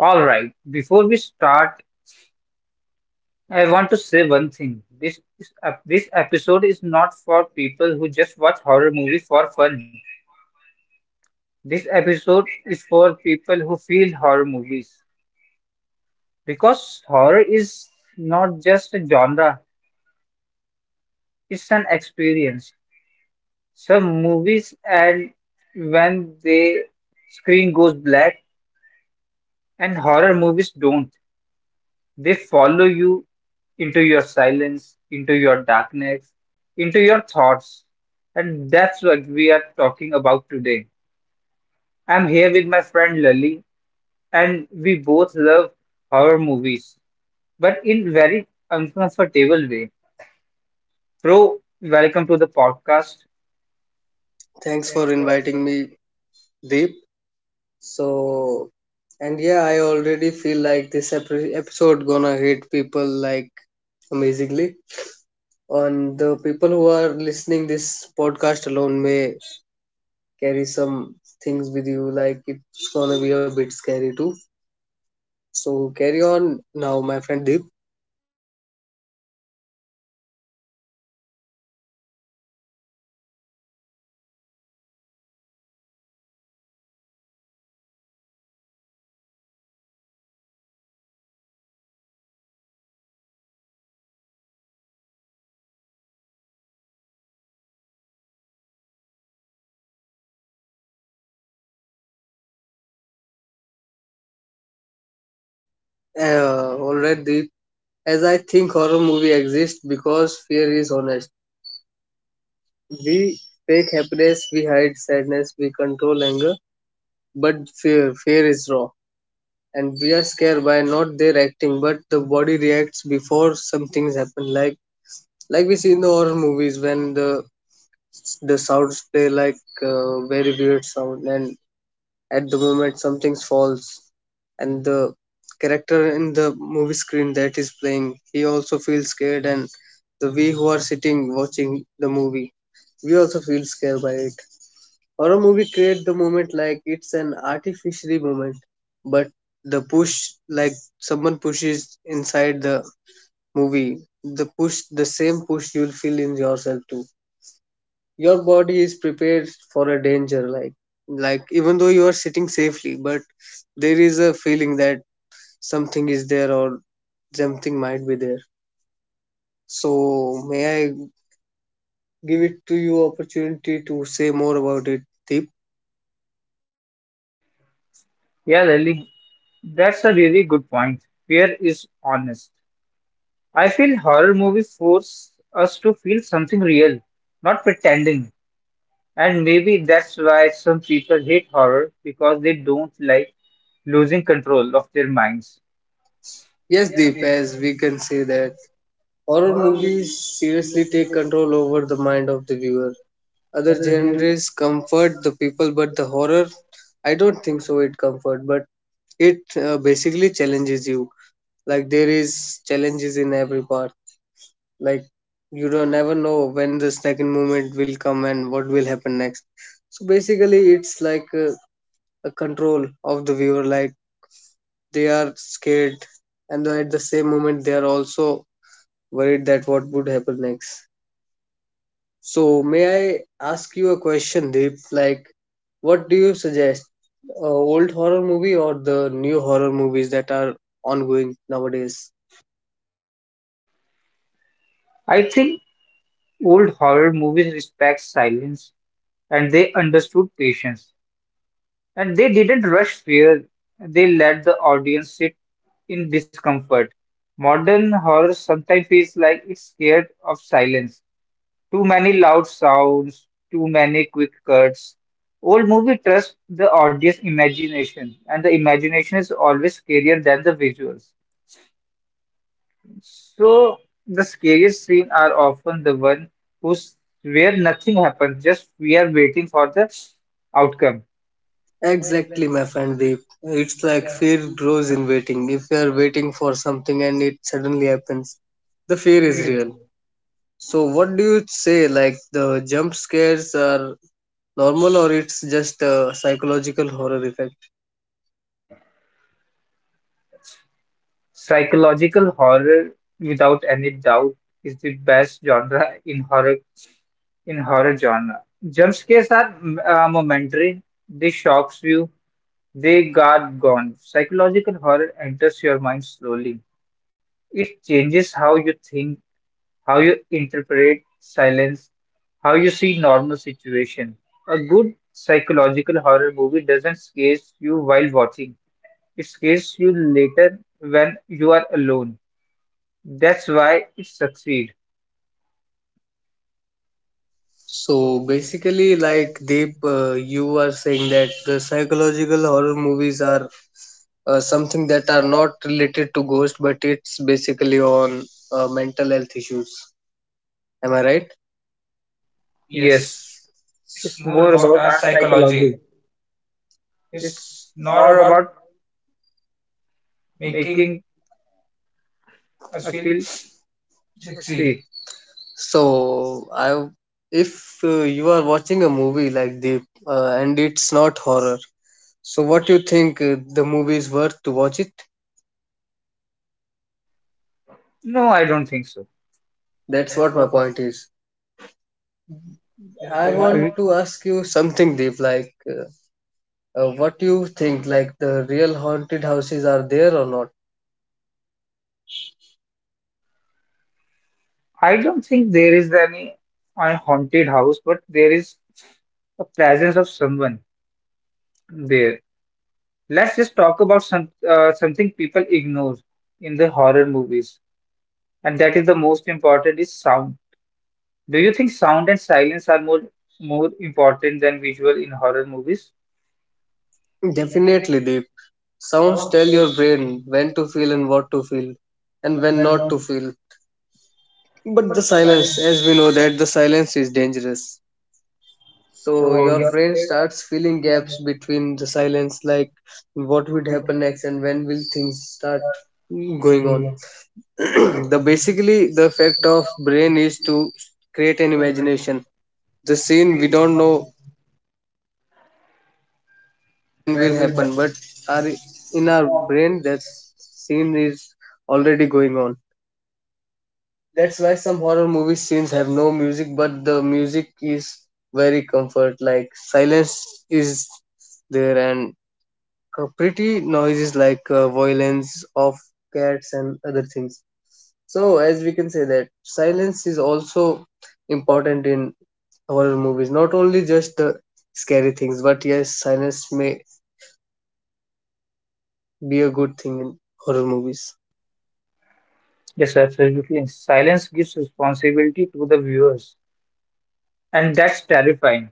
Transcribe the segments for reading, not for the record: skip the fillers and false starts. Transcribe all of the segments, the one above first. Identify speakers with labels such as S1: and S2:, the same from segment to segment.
S1: All right, before we start, I want to say one thing. This episode is not for people who just watch horror movies for fun. This episode is for people who feel horror movies because horror is not just a genre, it's an experience. Some movies and when the screen goes black and horror movies don't. They follow you into your silence, into your darkness, into your thoughts. And that's what we are talking about today. I'm here with my friend Lali, and we both love horror movies, but in very uncomfortable way. Bro, welcome to the podcast.
S2: Thanks for
S1: Thanks for the
S2: inviting
S1: word.
S2: me, Deep. So, and yeah, I already feel like this episode gonna hit people like amazingly. And the people who are listening this podcast alone may carry some things with you, like it's gonna be a bit scary too. So carry on now, my friend Deep. All right, Deep. As I think horror movie exists because fear is honest. We fake happiness, we hide sadness, we control anger. But fear, fear is raw, and we are scared by not their acting, but the body reacts before some things happen. Like we see in the horror movies when the sounds play like very weird sound, and at the moment something falls, and the character in the movie screen that is playing, he also feels scared, and the we who are sitting watching the movie, we also feel scared by it. Horror movie create the moment like it's an artificially moment, but the push, like someone pushes inside the movie, the push, the same push you'll feel in yourself too. Your body is prepared for a danger, like even though you are sitting safely, but there is a feeling that something is there, or something might be there. So may I give it to you opportunity to say more about it, Deep?
S1: Yeah, Lily, that's a really good point. Fear is honest. I feel horror movies force us to feel something real, not pretending. And maybe that's why some people hate horror because they don't like losing control of their minds.
S2: Yes, Deep, as we can say that horror movies seriously take control over the mind of the viewer. Other genres comfort the people, but the horror, I don't think so. It comfort, but it basically challenges you. Like there is challenges in every part. Like you don't never know when the second moment will come and what will happen next. So basically, it's like a control of the viewer. Like they are scared, and then at the same moment, they are also worried that what would happen next. So, may I ask you a question, Deep? Like, what do you suggest? Old horror movie or the new horror movies that are ongoing nowadays?
S1: I think old horror movies respect silence and they understood patience and they didn't rush fear. They let the audience sit in discomfort. Modern horror sometimes feels like it's scared of silence. Too many loud sounds, too many quick cuts. Old movie trust the audience imagination, and the imagination is always scarier than the visuals. So the scariest scene are often the one who's where nothing happens, just we are waiting for the outcome.
S2: Exactly, my friend Deep. It's like fear grows in waiting. If you are waiting for something and it suddenly happens, the fear is real. So, what do you say? Like, the jump scares are normal or it's just a psychological horror effect?
S1: Psychological horror, without any doubt, is the best genre in horror genre. Jump scares are momentary. They shocks you. They guard gone. Psychological horror enters your mind slowly. It changes how you think, how you interpret silence, how you see normal situation. A good psychological horror movie doesn't scare you while watching. It scares you later when you are alone. That's why it succeed. So
S2: So basically, like Deep, you are saying that the psychological horror movies are something that are not related to ghost, but it's basically on mental health issues. Am I right?
S1: yes,
S2: Yes,
S1: it's
S2: it's more
S1: more
S2: about
S1: about
S2: our
S1: our
S2: psychology.
S1: psychology. It's
S2: It's not
S1: not
S2: about
S1: about
S2: making
S1: making
S2: us
S1: us
S2: feel
S1: feel
S2: sexy.
S1: succeed.
S2: So I, if you are watching a movie like Deep, and it's not horror, so what you think the movie is worth to watch it?
S1: No, I don't think so.
S2: That's
S1: That's
S2: what my
S1: what. what-
S2: point is. I
S1: Yeah,
S2: want to ask you something deep, like what do you think, like the real haunted houses are there or not?
S1: I don't think there is any a haunted house, but there is a presence of someone there. Let's just talk about some something people ignore in the horror movies, and that is the most important is sound. Do you think sound and silence are more important than visual in horror movies?
S2: Definitely deep. Sounds tell your brain when to feel and what to feel, and when not to feel. But the silence, as we know that the silence is dangerous. So your brain starts filling gaps between the silence, like what would happen next and when will things start going on. The basically the effect of brain is to create an imagination, the scene we don't know when will happen, but our in our brain that scene is already going on. That's why some horror movie scenes have no music, but the music is very comfort, like silence is there, and pretty noises like violence of cats and other things. So as we can say that silence is also important in horror movies. Not only just the scary things, but yes, silence may be a good thing in horror movies.
S1: Yes, absolutely. Silence gives responsibility to the viewers, and that's terrifying.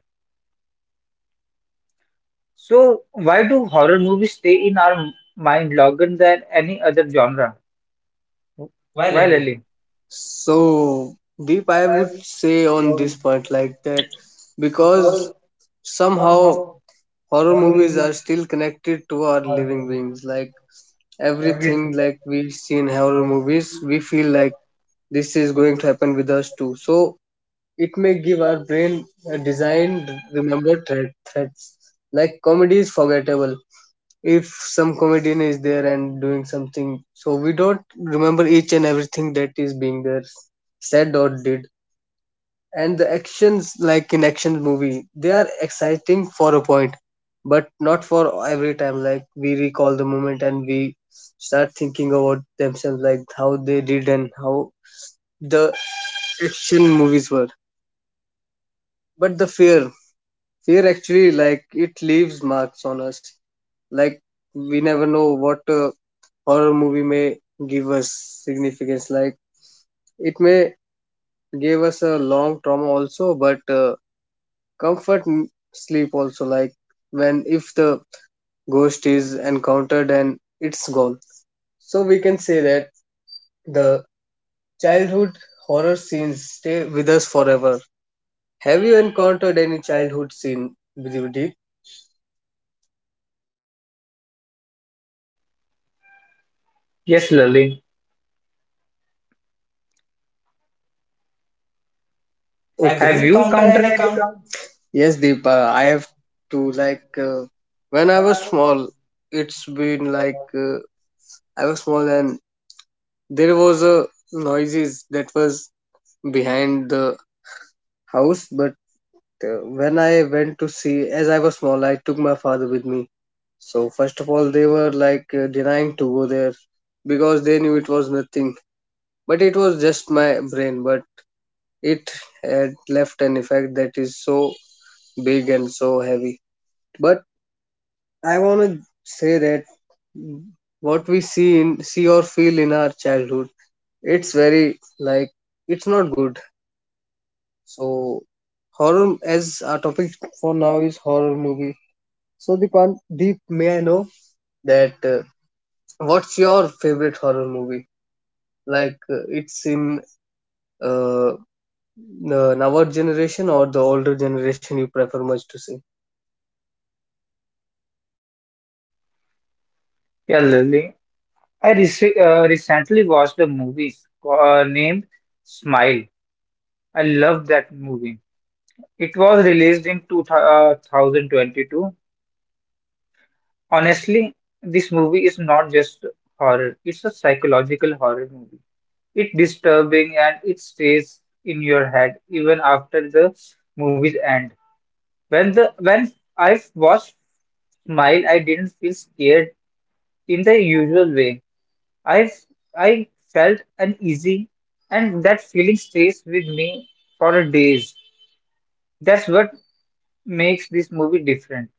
S1: So, why do horror movies stay in mind longer than any other genre?
S2: Well,
S1: Why,
S2: Ali,
S1: Lily?
S2: so Deep, I would say on this point like that because somehow horror movies are still connected to our living beings. Like everything like we see in horror movies, we feel like this is going to happen with us too. So it may give our brain a design remember threat, threats. Like comedy is forgettable. If some comedian is there and doing something, so we don't remember each and everything that is being there said or did. And the actions, like in action movie, they are exciting for a point, but not for every time. Like we recall the moment and we start thinking about themselves, like how they did and how the action movies were. But the fear actually like it leaves marks on us. Like we never know what a horror movie may give us significance. Like it may give us a long trauma also, but comfort sleep also. Like when if the ghost is encountered and it's gone. So we can say that the childhood horror scenes stay with us forever. Have you encountered any childhood scene, Deep?
S1: Yes, Lily.
S2: Have okay,
S1: Have
S2: you
S1: you
S2: counter
S1: counter
S2: any
S1: any
S2: count?
S1: count?
S2: Yes, Deepa, I have to like when I was small, it's been like I was small, and there was a noises that was behind the house. But when I went to see, as I was small, I took my father with me. So first of all, they were like denying to go there because they knew it was nothing. But it was just my brain. But it had left an effect that is so big and so heavy. But I want to say that what we see in see or feel in our childhood, it's very like it's not good. So horror as our topic for now is horror movie. So Deepan, Deep, may I know that what's your favorite horror movie? Like it's in uh, the our generation or the older generation you prefer much to see?
S1: Yeah, Lily. I recently watched a movie named Smile. I love that movie. It was released in 2022. Honestly, this movie is not just horror, it's a psychological horror movie. It's disturbing and it stays in your head even after the movie's end. When I watched Smile, I didn't feel scared in the usual way. I I felt uneasy, and that feeling stays with me for days. That's what makes this movie different.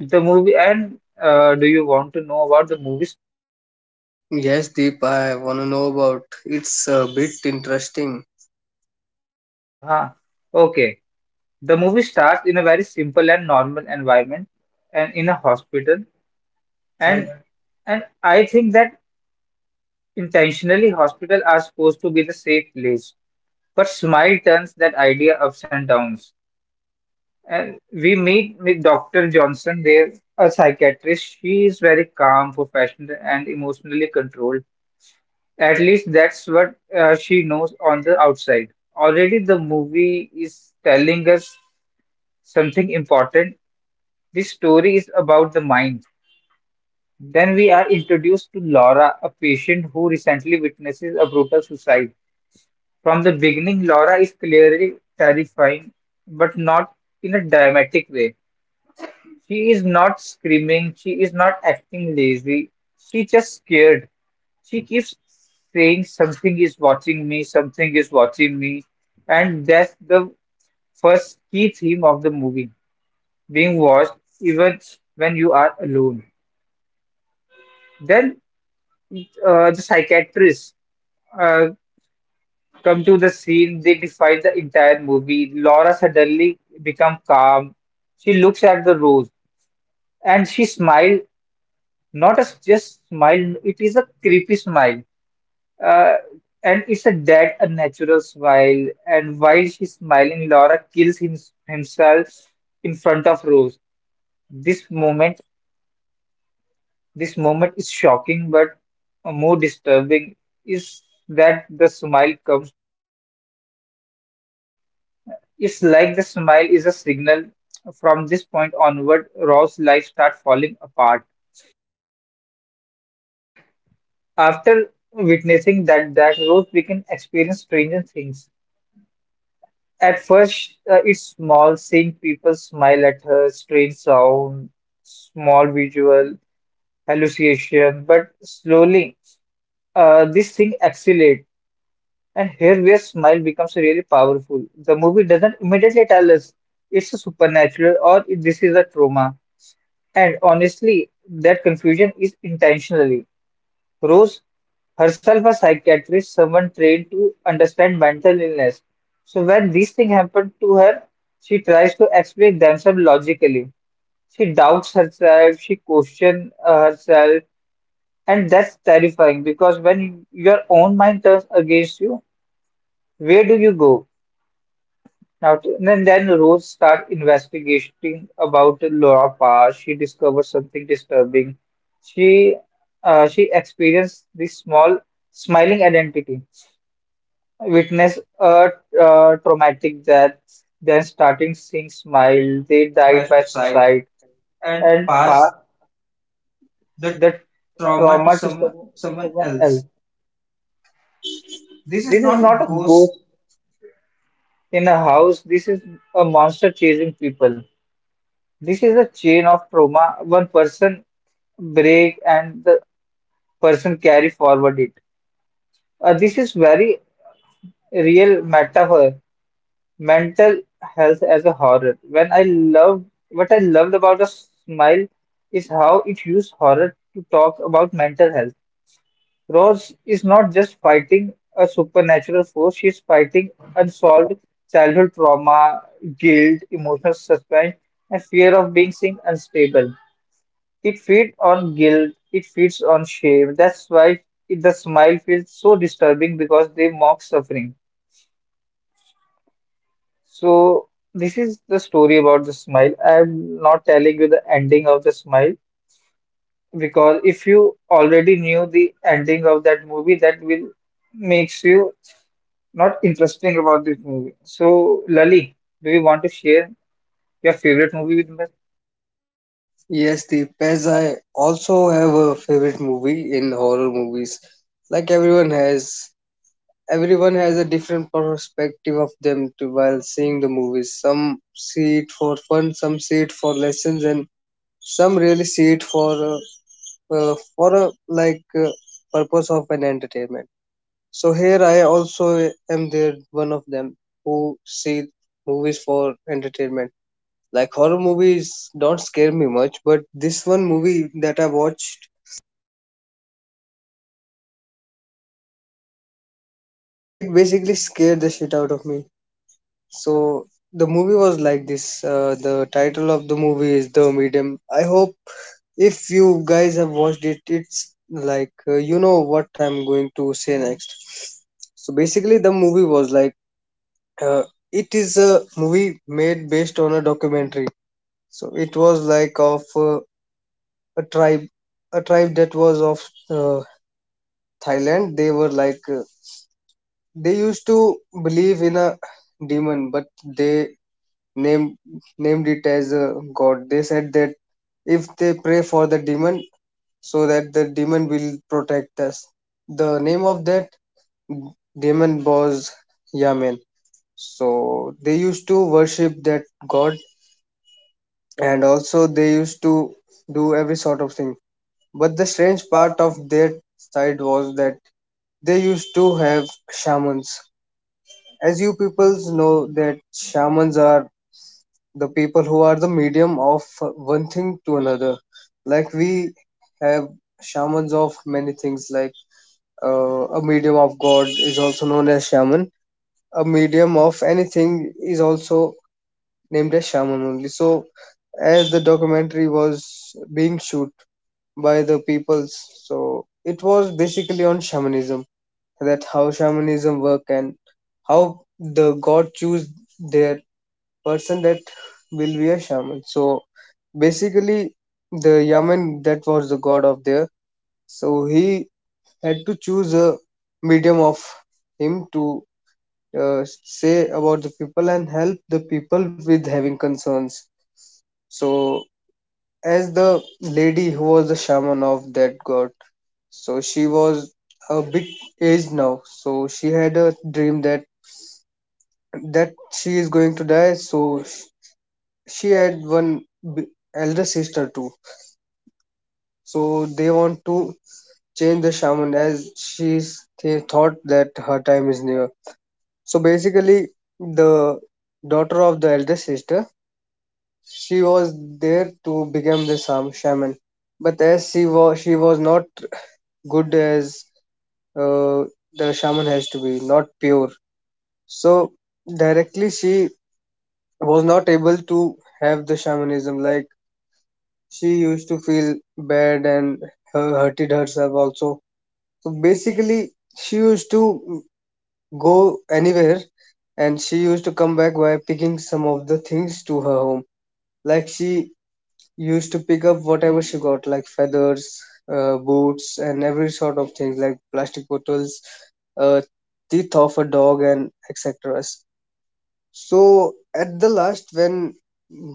S1: The movie, and do you want to know about the movie?
S2: Yes, Deep, I want to know about. It's a bit interesting.
S1: Ah, okay. The movie starts in a very simple and normal environment, and in a hospital.
S2: All right.
S1: And and I think that intentionally, hospital are supposed to be the safe place. But Smile turns that idea ups and downs. And we meet with Dr. Johnson there, a psychiatrist. She is very calm, professional, and emotionally controlled. At least that's what she knows on the outside. Already, the movie is telling us something important. This story is about the mind. Then we are introduced to Laura, a patient who recently witnesses a brutal suicide. From the beginning, Laura is clearly terrifying, but not in a dramatic way. She is not screaming, she is not acting lazy, she just scared. She keeps saying something is watching me, something is watching me, and that's the first key theme of the movie being watched even when you are alone. Then the psychiatrists uh, come to the scene, they define the entire movie. Laura suddenly become calm. She looks at the rose and she smile. Not a just smile, it is a creepy smile. Uh, and it's a dead, a natural smile. And while she's smiling, Laura kills himself in front of Rose. This moment, this moment is shocking, but more disturbing is that the smile comes. It's like the smile is a signal. From this point onward, Rose's life starts falling apart. After witnessing that, Rose begins experience stranger things. At first, it's small, seeing people smile at her, strange sound, small visual hallucination, but slowly, this thing accelerates, and here where smile becomes really powerful. The movie doesn't immediately tell us it's a supernatural or this is a trauma, and honestly, that confusion is intentional. Rose herself a psychiatrist, someone trained to understand mental illness. So when these things happen to her, she tries to explain themselves logically. She doubts herself, she questions herself, and that's terrifying because when your own mind turns against you, where do you go? Now, then Rose starts investigating about Laura Parr. She discovers something disturbing. She she experienced this small smiling identity, witness a traumatic death, then starting seeing smile. They
S2: side side. by
S1: died by
S2: side.
S1: suicide
S2: and
S1: and
S2: pass
S1: Parr
S2: the
S1: the
S2: trauma to
S1: trauma to
S2: someone someone
S1: someone else.
S2: else. This is
S1: This is
S2: not a
S1: not a
S2: ghost.
S1: ghost in a house. This is a monster chasing people. This is a chain of trauma. One person break and the person carry forward it. This is very real metaphor. Mental health as a horror. When I love What I loved about a smile is how it used horror to talk about mental health. Rose is not just fighting a supernatural force, she's fighting unsolved childhood trauma, guilt, emotional suspense, and fear of being seen unstable. It feeds on guilt, it feeds on shame. That's why it, the smile feels so disturbing because they mock suffering. So, this is the story about the smile. I'm not telling you the ending of the smile because if you already knew the ending of that movie, that will makes you not interesting about this movie. So, Lali, do you want to share your favorite movie with me?
S2: Yes, Deep, as I also have a favorite movie in horror movies. Like everyone has a different perspective of them to while seeing the movies. Some see it for fun, some see it for lessons, and some really see it for a like purpose of an entertainment. So here I also am there one of them who see movies for entertainment. Like horror movies don't scare me much, but this one movie that I watched, it basically scared the shit out of me. So the movie was like this. The title of the movie is The Medium. I hope if you guys have watched it, it's like you know what I'm going to say next. So basically, the movie was like, Uh, it is a movie made based on a documentary. So it was like of a tribe, a tribe that was of uh, Thailand. They were like they used to believe in a demon, but they named named it as a god. They said that if they pray for the demon, so that the demon will protect us. The name of that demon was Yamen. So they used to worship that god, and also they used to do every sort of thing, but the strange part of their side was that they used to have shamans. As you peoples know that shamans are the people who are the medium of one thing to another. Like we have shamans of many things, like a medium of god is also known as shaman, a medium of anything is also named as Shaman only. So as the documentary was being shoot by the peoples, so it was basically on shamanism, that how shamanism work and how the god choose their person that will be a shaman. So basically the Yaman that was the god of there, so he had to choose a medium of him to say about the people and help the people with having concerns. So, as the lady who was the shaman of that god, so she was a big age now. So she had a dream that that she is going to die. She had elder sister too. So they want to change the shaman as she's they thought that her time is near. So basically, the daughter of the elder sister, she was there to become the shaman, but as she was not good as uh, the shaman has to be, not pure. So directly she was not able to have the shamanism. Like she used to feel bad and hurted herself also. So basically, she used to go anywhere and she used to come back by picking some of the things to her home. Like she used to pick up whatever she got, like feathers, boots, and every sort of things, like plastic bottles, uh, teeth of a dog, and etc. So at the last, when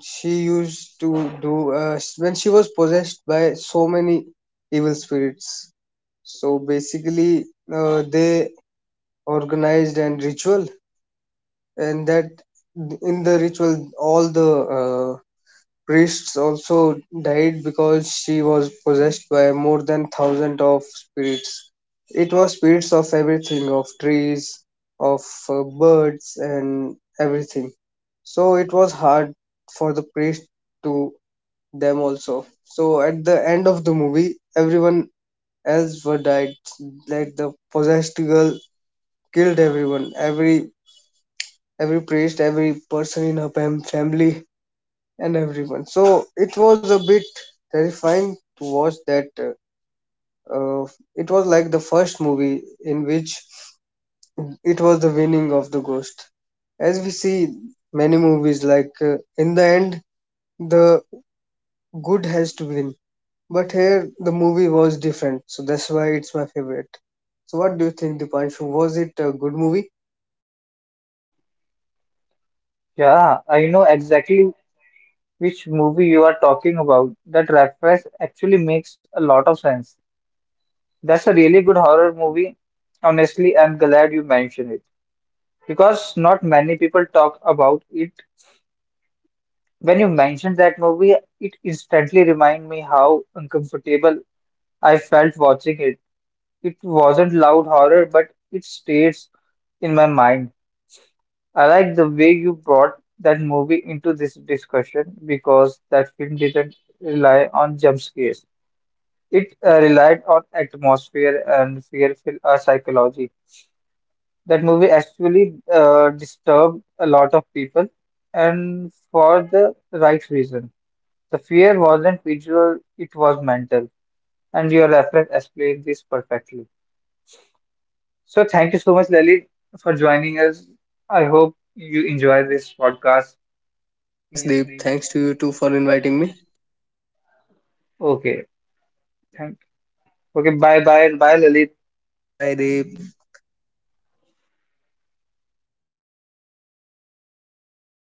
S2: she used to do, when she was possessed by so many evil spirits, so basically they organized an ritual, and that in the ritual all the priests also died because she was possessed by more than thousand of spirits. It was spirits of everything, of trees, of birds, and everything. So it was hard for the priest to them also. So at the end of the movie, everyone else were died. Like the possessed girl killed everyone, every priest, every person in her family and everyone. So it was a bit terrifying to watch that. Uh, it was like the first movie in which it was the winning of the ghost. As we see many movies, like in the end, the good has to win. But here, the movie was different, so that's why it's my favorite. So, what do you think, Dipanshu? Was it a good movie?
S1: Yeah, I know exactly which movie you are talking about. That reference actually makes a lot of sense. That's a really good horror movie. Honestly, I'm glad you mentioned it because not many people talk about it. When you mentioned that movie, it instantly reminded me how uncomfortable I felt watching it. It wasn't loud horror, but it stays in my mind. I like the way you brought that movie into this discussion because that film didn't rely on jump scares. It relied on atmosphere and fearful psychology. That movie actually disturbed a lot of people, and for the right reason. The fear wasn't visual, it was mental. And your reference explained this perfectly. So, thank you so much, Lalit, for joining us. I hope you enjoy this podcast.
S2: Yes,
S1: Yes,
S2: Deep.
S1: Deep.
S2: Thanks to you too for inviting me.
S1: Okay, thank okay, bye bye and bye, Lalit.
S2: Bye, Deep.